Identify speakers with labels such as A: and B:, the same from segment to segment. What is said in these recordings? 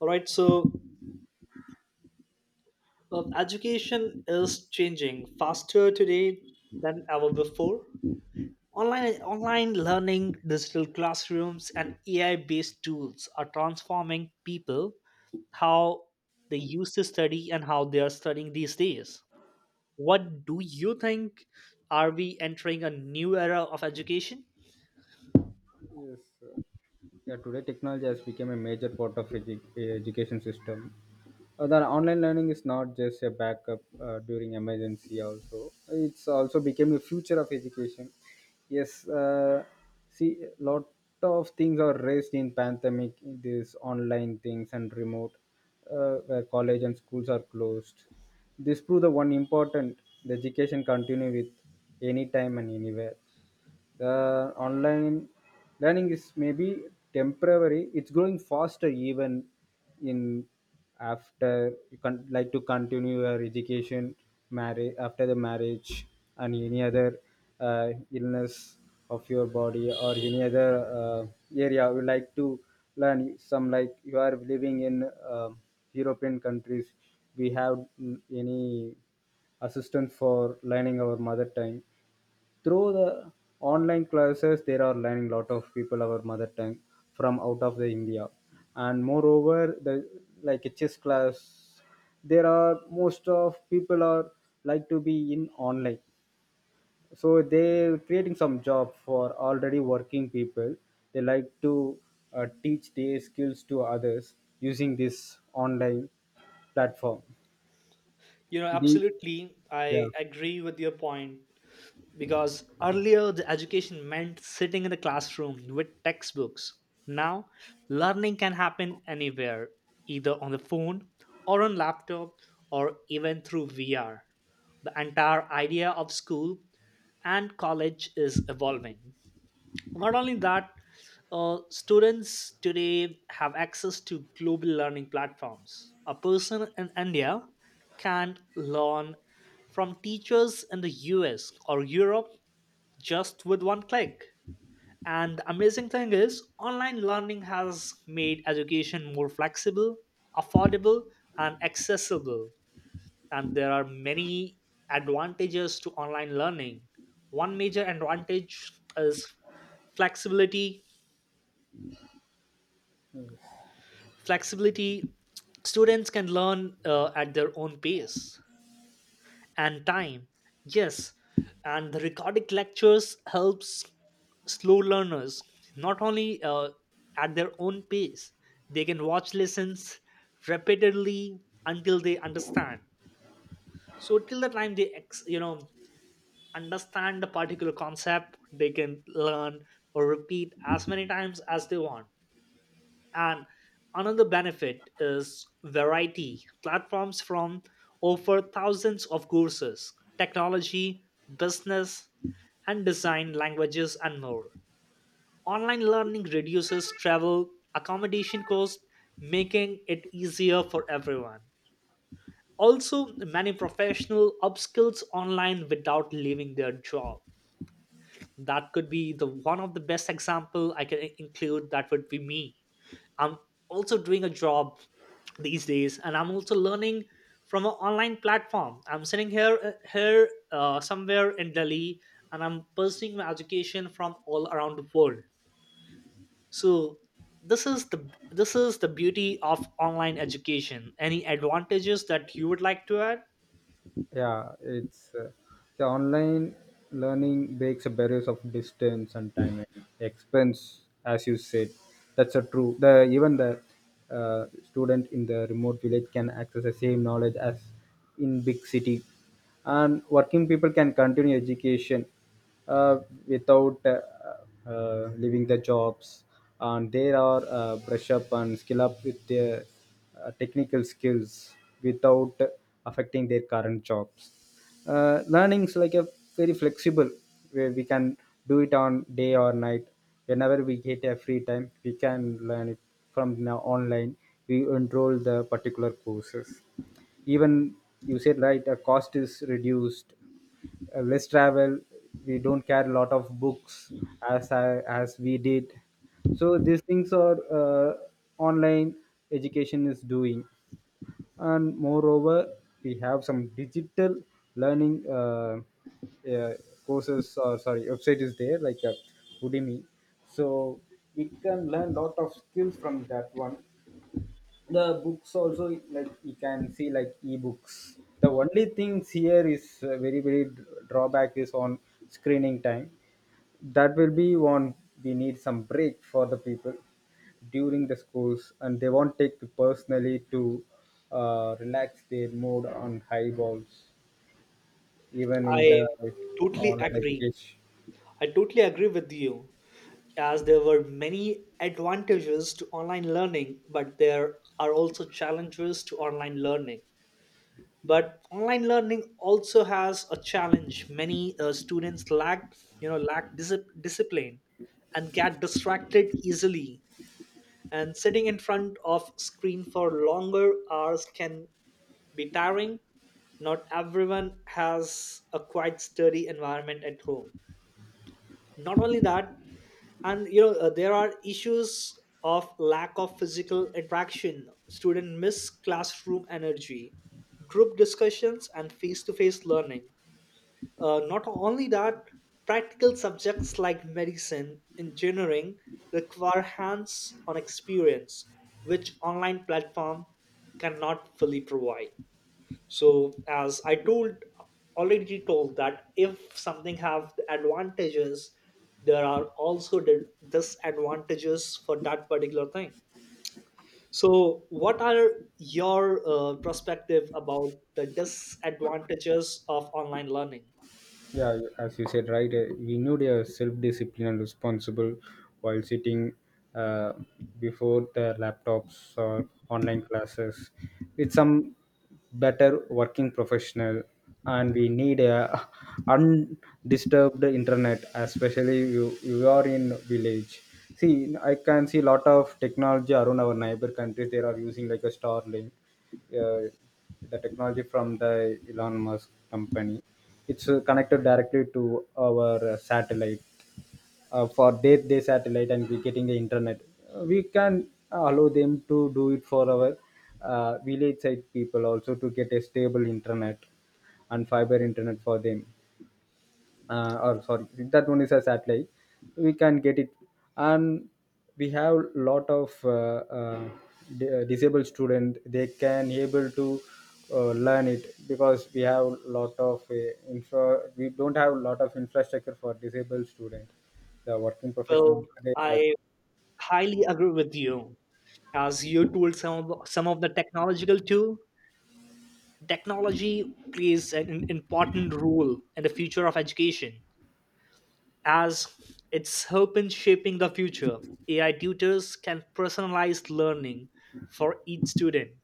A: All right, so Education is changing faster today than ever before. Online learning, digital classrooms, and AI based tools are transforming people how they used to study and how they are studying these days. What do you think? Are we entering a new era of education?
B: Yes. Yeah, today technology has become a major part of education system. The online learning is not just a backup during emergency. Also, it's also became a future of education. Yes. See, lot of things are raised in pandemic. These online things and remote, where college and schools are closed. This prove the one important the education continue with any time and anywhere. The online learning is maybe temporary, it's growing faster even in after you can like to continue your education marriage after the marriage and any other illness of your body or any other uh, area you like to learn some like you are living in european countries. We have mm, any assistance for learning our mother tongue through the online classes. There are learning lot of people our mother tongue from out of the india. And moreover, the like a chess class, there are most of people are like to be in online, so they creating some job for already working people. They like to teach their skills to others using this online platform.
A: You know,
B: The
A: absolutely.
B: Yeah,
A: I agree with your point, because earlier the education meant sitting in the classroom with textbooks. Now, learning can happen anywhere, either on the phone or on laptop or even through VR. The entire idea of school and college is evolving. Not only that, students today have access to global learning platforms. A person in India can learn from teachers in the US or Europe just with one click. And the amazing thing is, online learning has made education more flexible, affordable, and accessible. And there are many advantages to online learning. One major advantage is flexibility. Flexibility, students can learn at their own pace and time. Yes, and the recorded lectures helps slow learners. Not only at their own pace, they can watch lessons repeatedly until they understand. So till the time they understand the particular concept, they can learn or repeat as many times as they want. And another benefit is variety. Platforms from offer thousands of courses, technology, business, and design languages and more. Online learning reduces travel, accommodation costs, making it easier for everyone. Also, many professional upskills online without leaving their job. That could be the one of the best example I can include, that would be me. I'm also doing a job these days, and I'm also learning from an online platform. I'm sitting here here somewhere in Delhi, and I'm pursuing my education from all around the world. So this is the this is the beauty of online education. Any advantages that you would like to add?
B: yeah it's the online learning breaks the barriers of distance and time and expense, as you said. That's a true. The even the student in the remote village can access the same knowledge as in big city. And working people can continue education uh, without leaving the jobs, and they are brush up and skill up with their technical skills without affecting their current jobs. Learning is like a very flexible, where we can do it on day or night. Whenever we get a free time we can learn it from now online. We enroll the particular courses. Even you said right, a cost is reduced, less travel, we don't carry a lot of books as as we did. So these things are online education is doing. And moreover, we have some digital learning uh, courses, or sorry website is there, like udemy. So we can learn lot of skills from that one. The books also, like you can see like ebooks. The only things here is very very drawback is on screening time. That will be one. We need some break for the people during the schools, and they won't take to personally to relax their mood on high balls, even
A: i
B: in the
A: totally
B: online
A: agree
B: education.
A: i totally agree with you. As there were many advantages to online learning, but there are also challenges to online learning. But online learning also has a challenge. Many students lack, lack disip discipline and get distracted easily, and sitting in front of screen for longer hours can be tiring. Not everyone has a quiet study environment at home. Not only that, and there are issues of lack of physical interaction. Student miss classroom energy, group discussions, and face-to-face learning. Not only that, practical subjects like medicine, engineering require hands-on experience, which online platform cannot fully provide. So as I told that if something have the advantages, there are also the disadvantages for that particular thing. So what are your perspective about the disadvantages of online learning?
B: Yeah, as you said, right, we need a self discipline and responsible while sitting uh, before the laptops or online classes, with some better working professional, and we need a undisturbed internet, especially you are in village. See, I can see lot of technology around our neighbor countries. They are using like a Starlink, uh, the technology from the Elon Musk company. It's connected directly to our satellite for their day satellite, and we getting the internet. We can allow them to do it for our village side people also to get a stable internet and fiber internet for them. Or sorry, that one is a satellite, we can get it. And we have lot of uh, disabled student, they can able to learn it, because we have lot of infra. We don't have lot of infrastructure for disabled student. The working
A: Well,
B: professional, they like
A: I highly agree with you. As you told, some of the technological tool, technology plays an important role in the future of education, as its hope in shaping the future. AI tutors can personalize learning for each student.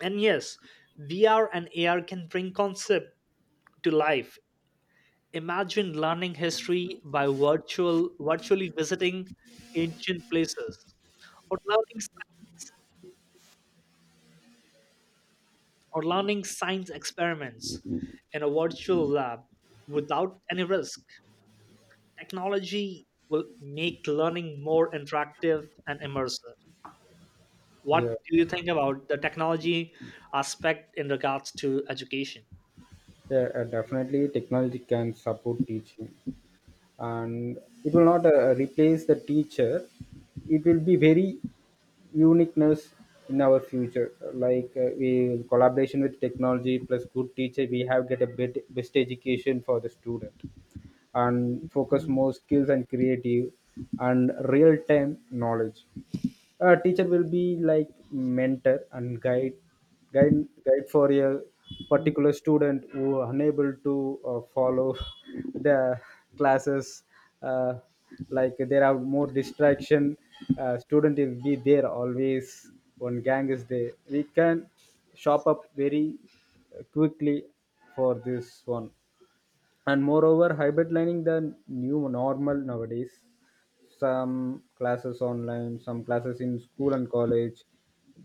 A: And yes, VR and AR can bring concept to life. Imagine learning history by virtually visiting ancient places, or learning science or learning science experiments in a virtual lab without any risk. Technology will make learning more interactive and immersive. What
B: yeah,
A: do you think about the technology aspect in regards to education?
B: yeah definitely technology can support teaching, and it will not replace the teacher. It will be very uniqueness in our future, like we collaboration with technology plus good teacher, we have get a bit best education for the student, and focus more skills and creative and real time knowledge. A teacher will be like mentor and guide, guide for a particular student who unable to follow the classes. uh, like there are more distraction student will be there always. One gang is there, we can shop up very quickly for this one. And moreover, hybrid learning the new normal nowadays. Some classes online, some classes in school and college.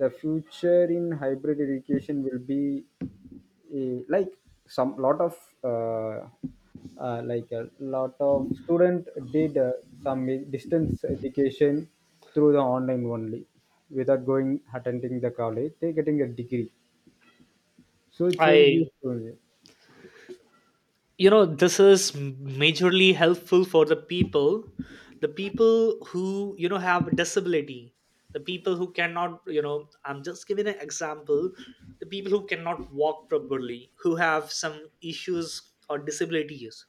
B: The future in hybrid education will be a, like some lot of uh, like a lot of student did some distance education through the online only, without going attending the college they getting a degree. So it's very
A: I,
B: useful.
A: you know, this is majorly helpful for the people, the people who, you know, have a disability, the people who cannot, you know, I'm just giving an example, the people who cannot walk properly, who have some issues or disabilities.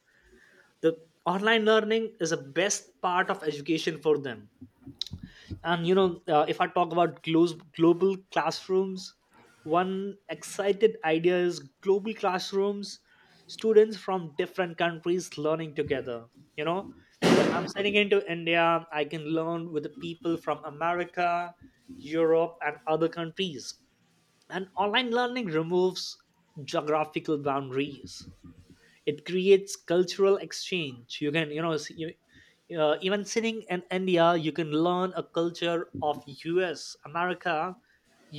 A: The online learning is the best part of education for them. And you know, if I talk about global classrooms, one excited idea is global classrooms, students from different countries learning together. You know, if I'm sitting into India, I can learn with the people from America, Europe, and other countries. And online learning removes geographical boundaries. It creates cultural exchange. You can, you know, even sitting in India, you can learn a culture of US, America,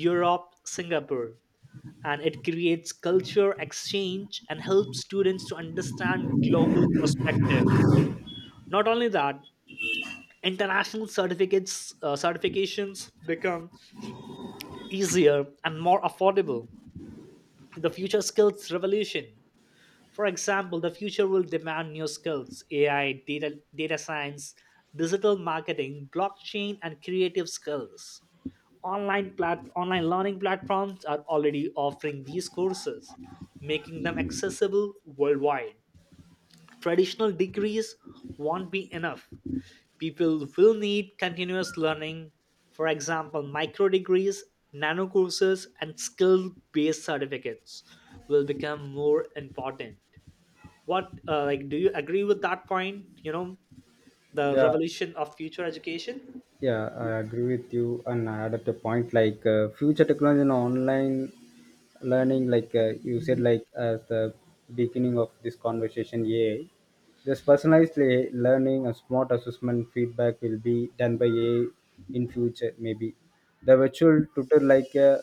A: Europe, Singapore. And it creates culture exchange and helps students to understand global perspective. Not only that, international certificates, certifications become easier and more affordable. The future skills revolution. For example, the future will demand new skills: AI, data science, digital marketing, blockchain, and creative skills. Online learning platforms are already offering these courses, making them accessible worldwide. Traditional degrees won't be enough. People will need continuous learning, for example, micro degrees, nano courses, and skill based certificates will become more important. What do you agree with that point? You know, the
B: yeah
A: revolution of future education.
B: Yeah, I agree with you, and I add at a point like future technology and online learning, like you said, like at the beginning of this conversation, AI. This personalized learning and smart assessment feedback will be done by AI in future, maybe. The virtual tutor like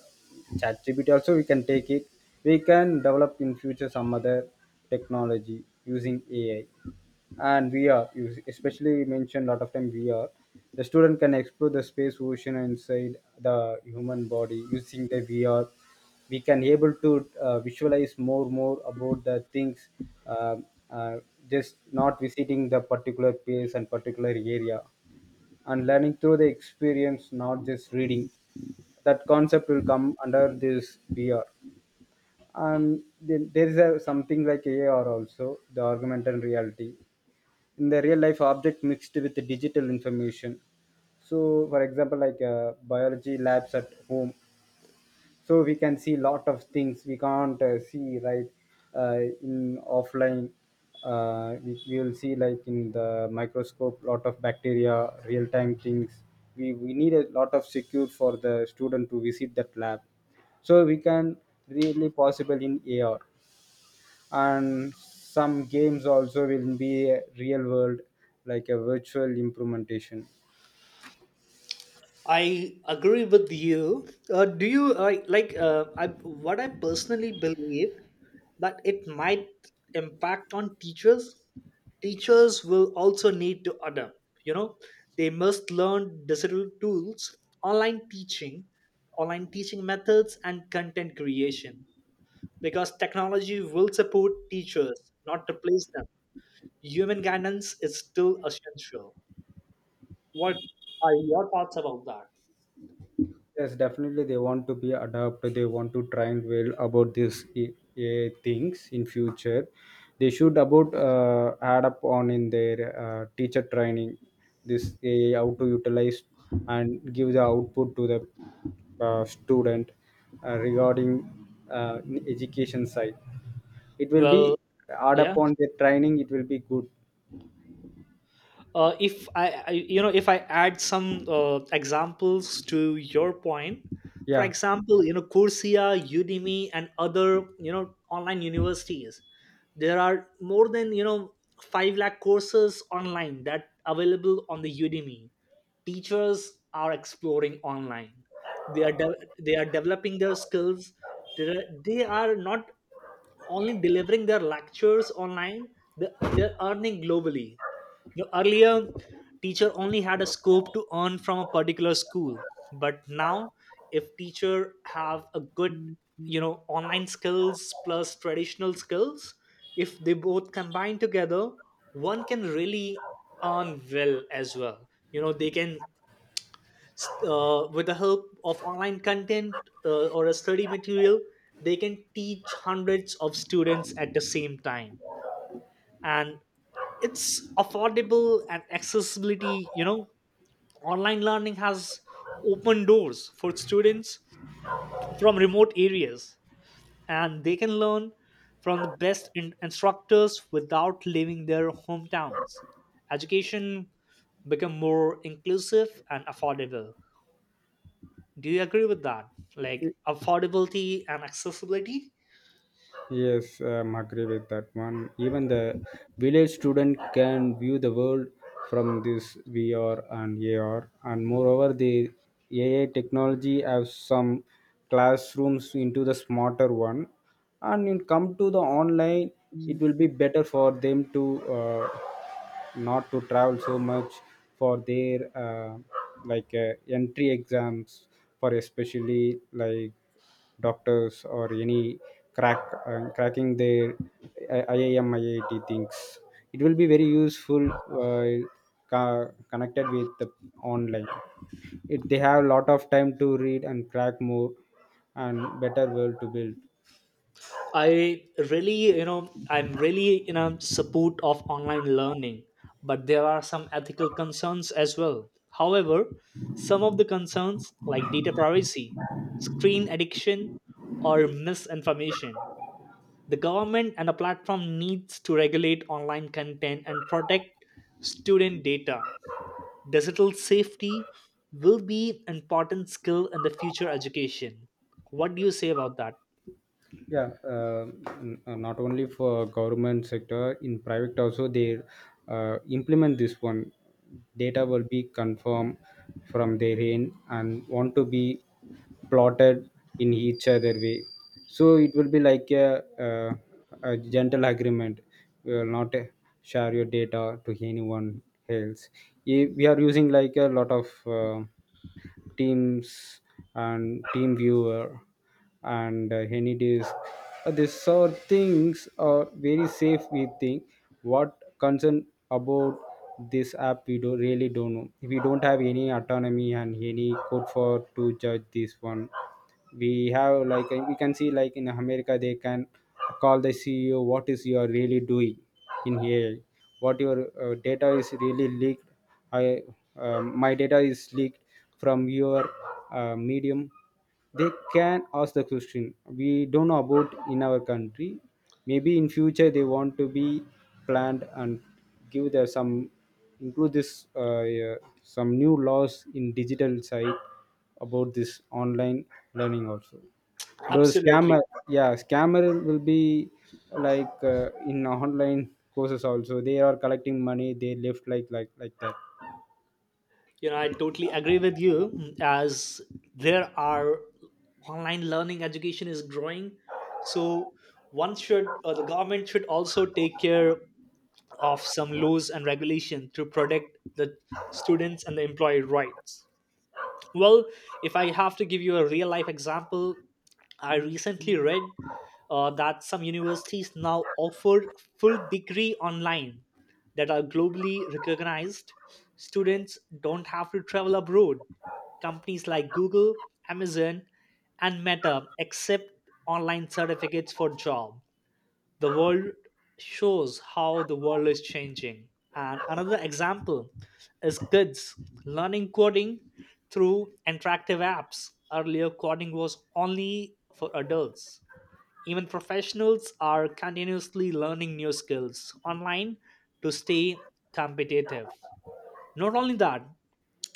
B: ChatGPT also we can take it. We can develop in future some other technology using AI and VR, you especially mentioned a lot of time VR. The student can explore the space ocean inside the human body using the VR. We can able to visualize more about the things, uh, uh, just not visiting the particular place and particular area, and learning through the experience, not just reading. That concept will come under this VR. And then there is a, something like AR also, the augmented reality in the real life object mixed with the digital information. So for example, like biology labs at home. So we can see lot of things we can't see right uh, in offline. We we will see like in the microscope lot of bacteria real time things. We need a lot of secure for the student to visit that lab, so we can really possible in AR. And some games also will be a real world, like a virtual implementation.
A: I agree with you. Do you like I, What I personally believe, that it might impact on teachers. Teachers will also need to adapt, you know. They must learn digital tools, online teaching online teaching methods and content creation, because technology will support teachers, not replace them. Human guidance is still essential. What are your thoughts about that?
B: Yes, definitely they want to be adapted. They want to triangle about this AI things in future. They should about add up on in their teacher training, this AI how to utilize and give the output to the student regarding in education side. It will
A: Well,
B: be add
A: yeah,
B: upon the training, it will be good.
A: if I, you know, if I add some examples to your point. For
B: Yeah,
A: example, you know, Coursera, Udemy and other, you know, online universities, there are more than, you know, 5 lakh courses online that available on the Udemy. Teachers are exploring online. They are developing their skills. They are not only delivering their lectures online. they, they're earning globally. You earlier, teacher only had a scope to earn from a particular school, but now, if teacher have a good, you know, online skills plus traditional skills, if they both combine together, one can really earn well as well. You know, they can, with the help of online content or a study material, they can teach hundreds of students at the same time, and it's affordable and accessibility. You know, online learning has open doors for students from remote areas, and they can learn from the best instructors without leaving their hometowns. Education become more inclusive and affordable. Do you agree with that, like
B: y-
A: affordability and accessibility?
B: yes, am agree with that one. Even the village student can view the world from this VR and AR, and moreover, the AI technology have some classrooms into the smarter one, and in come to the online, it will be better for them to. Uh, Not to travel so much for their uh, like entry exams for especially like doctors or any crack cracking their IIM IIT things. It will be very useful connected with the online. It, they have a lot of time to read and crack more and better world to build.
A: I really, you know, I'm really in a support of online learning, but there are some ethical concerns as well. However, some of the concerns like data privacy, screen addiction, or misinformation, the government and the platform needs to regulate online content and protect student data. Digital safety will be an important skill in the future education. What do you say about that?
B: Yeah, not only for government sector, in private also they implement this one. Data will be confirmed from their end and want to be plotted in each other way. So it will be like a gentle agreement. We will not share your data to anyone else. If we are using like a lot of teams and team viewer and any disk. These are things are very safe we think. What concern about this app, we don't really don't know. We don't have any autonomy and any code for to judge this one. We have like we can see like in america they can call the CEO, what is you are really doing in here, what your data is really leaked. I my data is leaked from your medium. They can ask the question. We don't know about in our country. Maybe in future they want to be planned and give their some include this yeah, some new laws in digital side about this online learning also. Those scammer,
A: Absolutely.
B: yeah scammer will be like in online courses also they are collecting money, they left like that.
A: You know, I totally agree with you. As there are online learning education is growing, so one should, or the government should also take care of some laws and regulation to protect the students and the employee rights. Well, if I have to give you a real life example, I recently read that some universities now offer full degree online that are globally recognized. Students don't have to travel abroad. Companies like Google, Amazon, and Meta accept online certificates for job. The world shows how the world is changing. And another example is kids learning coding through interactive apps. Earlier coding was only for adults. Even professionals are continuously learning new skills online to stay competitive. Not only that,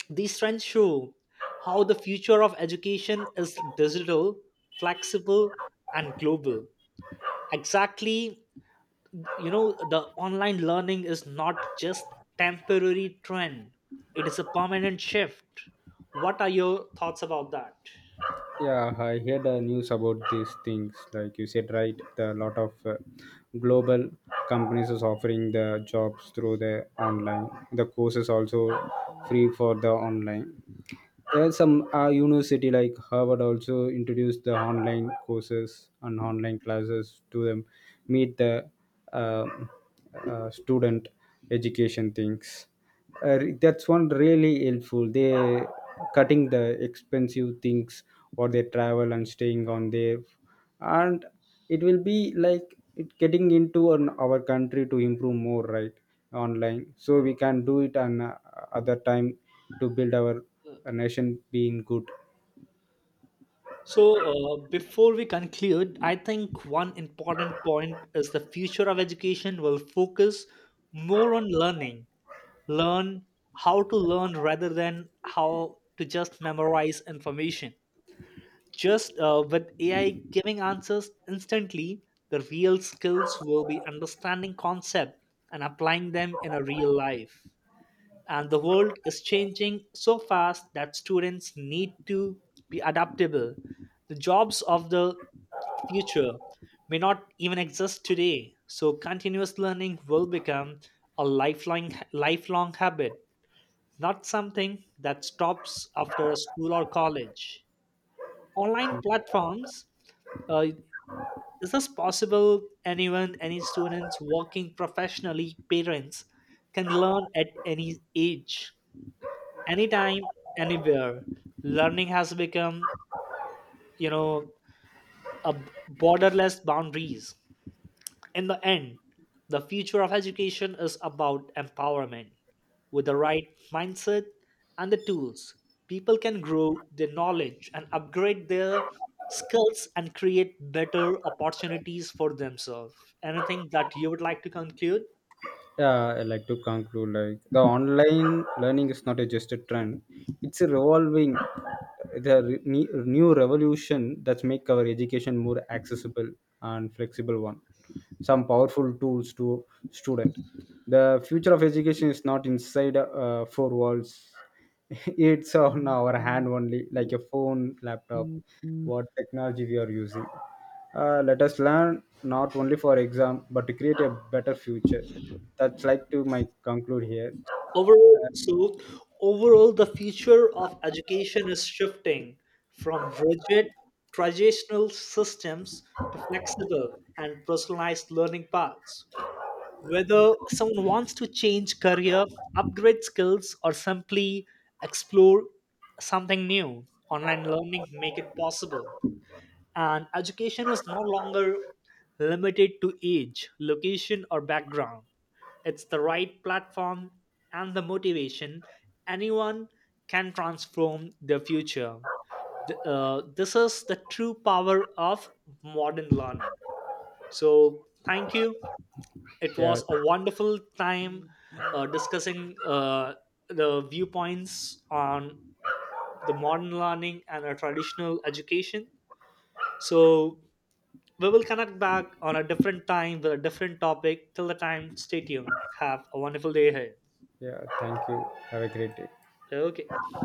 A: these trends show how the future of education is digital, flexible, and global. Exactly. You know, the online learning is not just temporary trend. It is a permanent shift. What are your thoughts about that?
B: Yeah, I heard the news about these things like you said right. The lot of global companies is offering the jobs through the online. The courses also free for the online. There are some university like harvard also introduced the online courses and online classes to them. Meet the uh, student education things. That's one really helpful, they cutting the expensive things or they travel and staying on there. And it will be like it getting into an, our country to improve more right, online. So we can do it on other time to build our nation being good.
A: so Before we conclude, I think one important point is the future of education will focus more on learning learn how to learn rather than how to just memorize information. Just with AI giving answers instantly, the real skills will be understanding concepts and applying them in a real life. And the world is changing so fast that students need to be adaptable. The jobs of the future may not even exist today. So continuous learning will become a lifelong habit, not something that stops after school or college. Online platforms, uh, is this possible, anyone, any students, working professionally, parents, can learn at any age, anytime, anywhere. Learning has become, you know, a borderless boundaries. In the end, the future of education is about empowerment. With the right mindset and the tools, people can grow their knowledge and upgrade their skills and create better opportunities for themselves. Anything that you would like to conclude?
B: Yeah, I like to conclude like the online learning is not a just a trend. It's a revolving, the new revolution that make our education more accessible and flexible one. Some powerful tools to student. The future of education is not inside four walls. It's on our hand only, like a phone, laptop, what technology we are using. Let us learn not only for exam but to create a better future. That's like to my conclude here.
A: Overall, so Overall, the future of education is shifting from rigid traditional systems to flexible and personalized learning paths. Whether someone wants to change career, upgrade skills, or simply explore something new, online learning make it possible. And education is no longer limited to age, location, or background. It's the right platform and the motivation. Anyone can transform their future. This is the true power of modern learning. So, thank you, it
B: Yeah,
A: was a wonderful time discussing the viewpoints on the modern learning and a traditional education. So we will connect back on a different time with a different topic. Till the time, stay tuned. Have a wonderful day ahead.
B: yeah. Thank you. Have a great day.
A: Okay.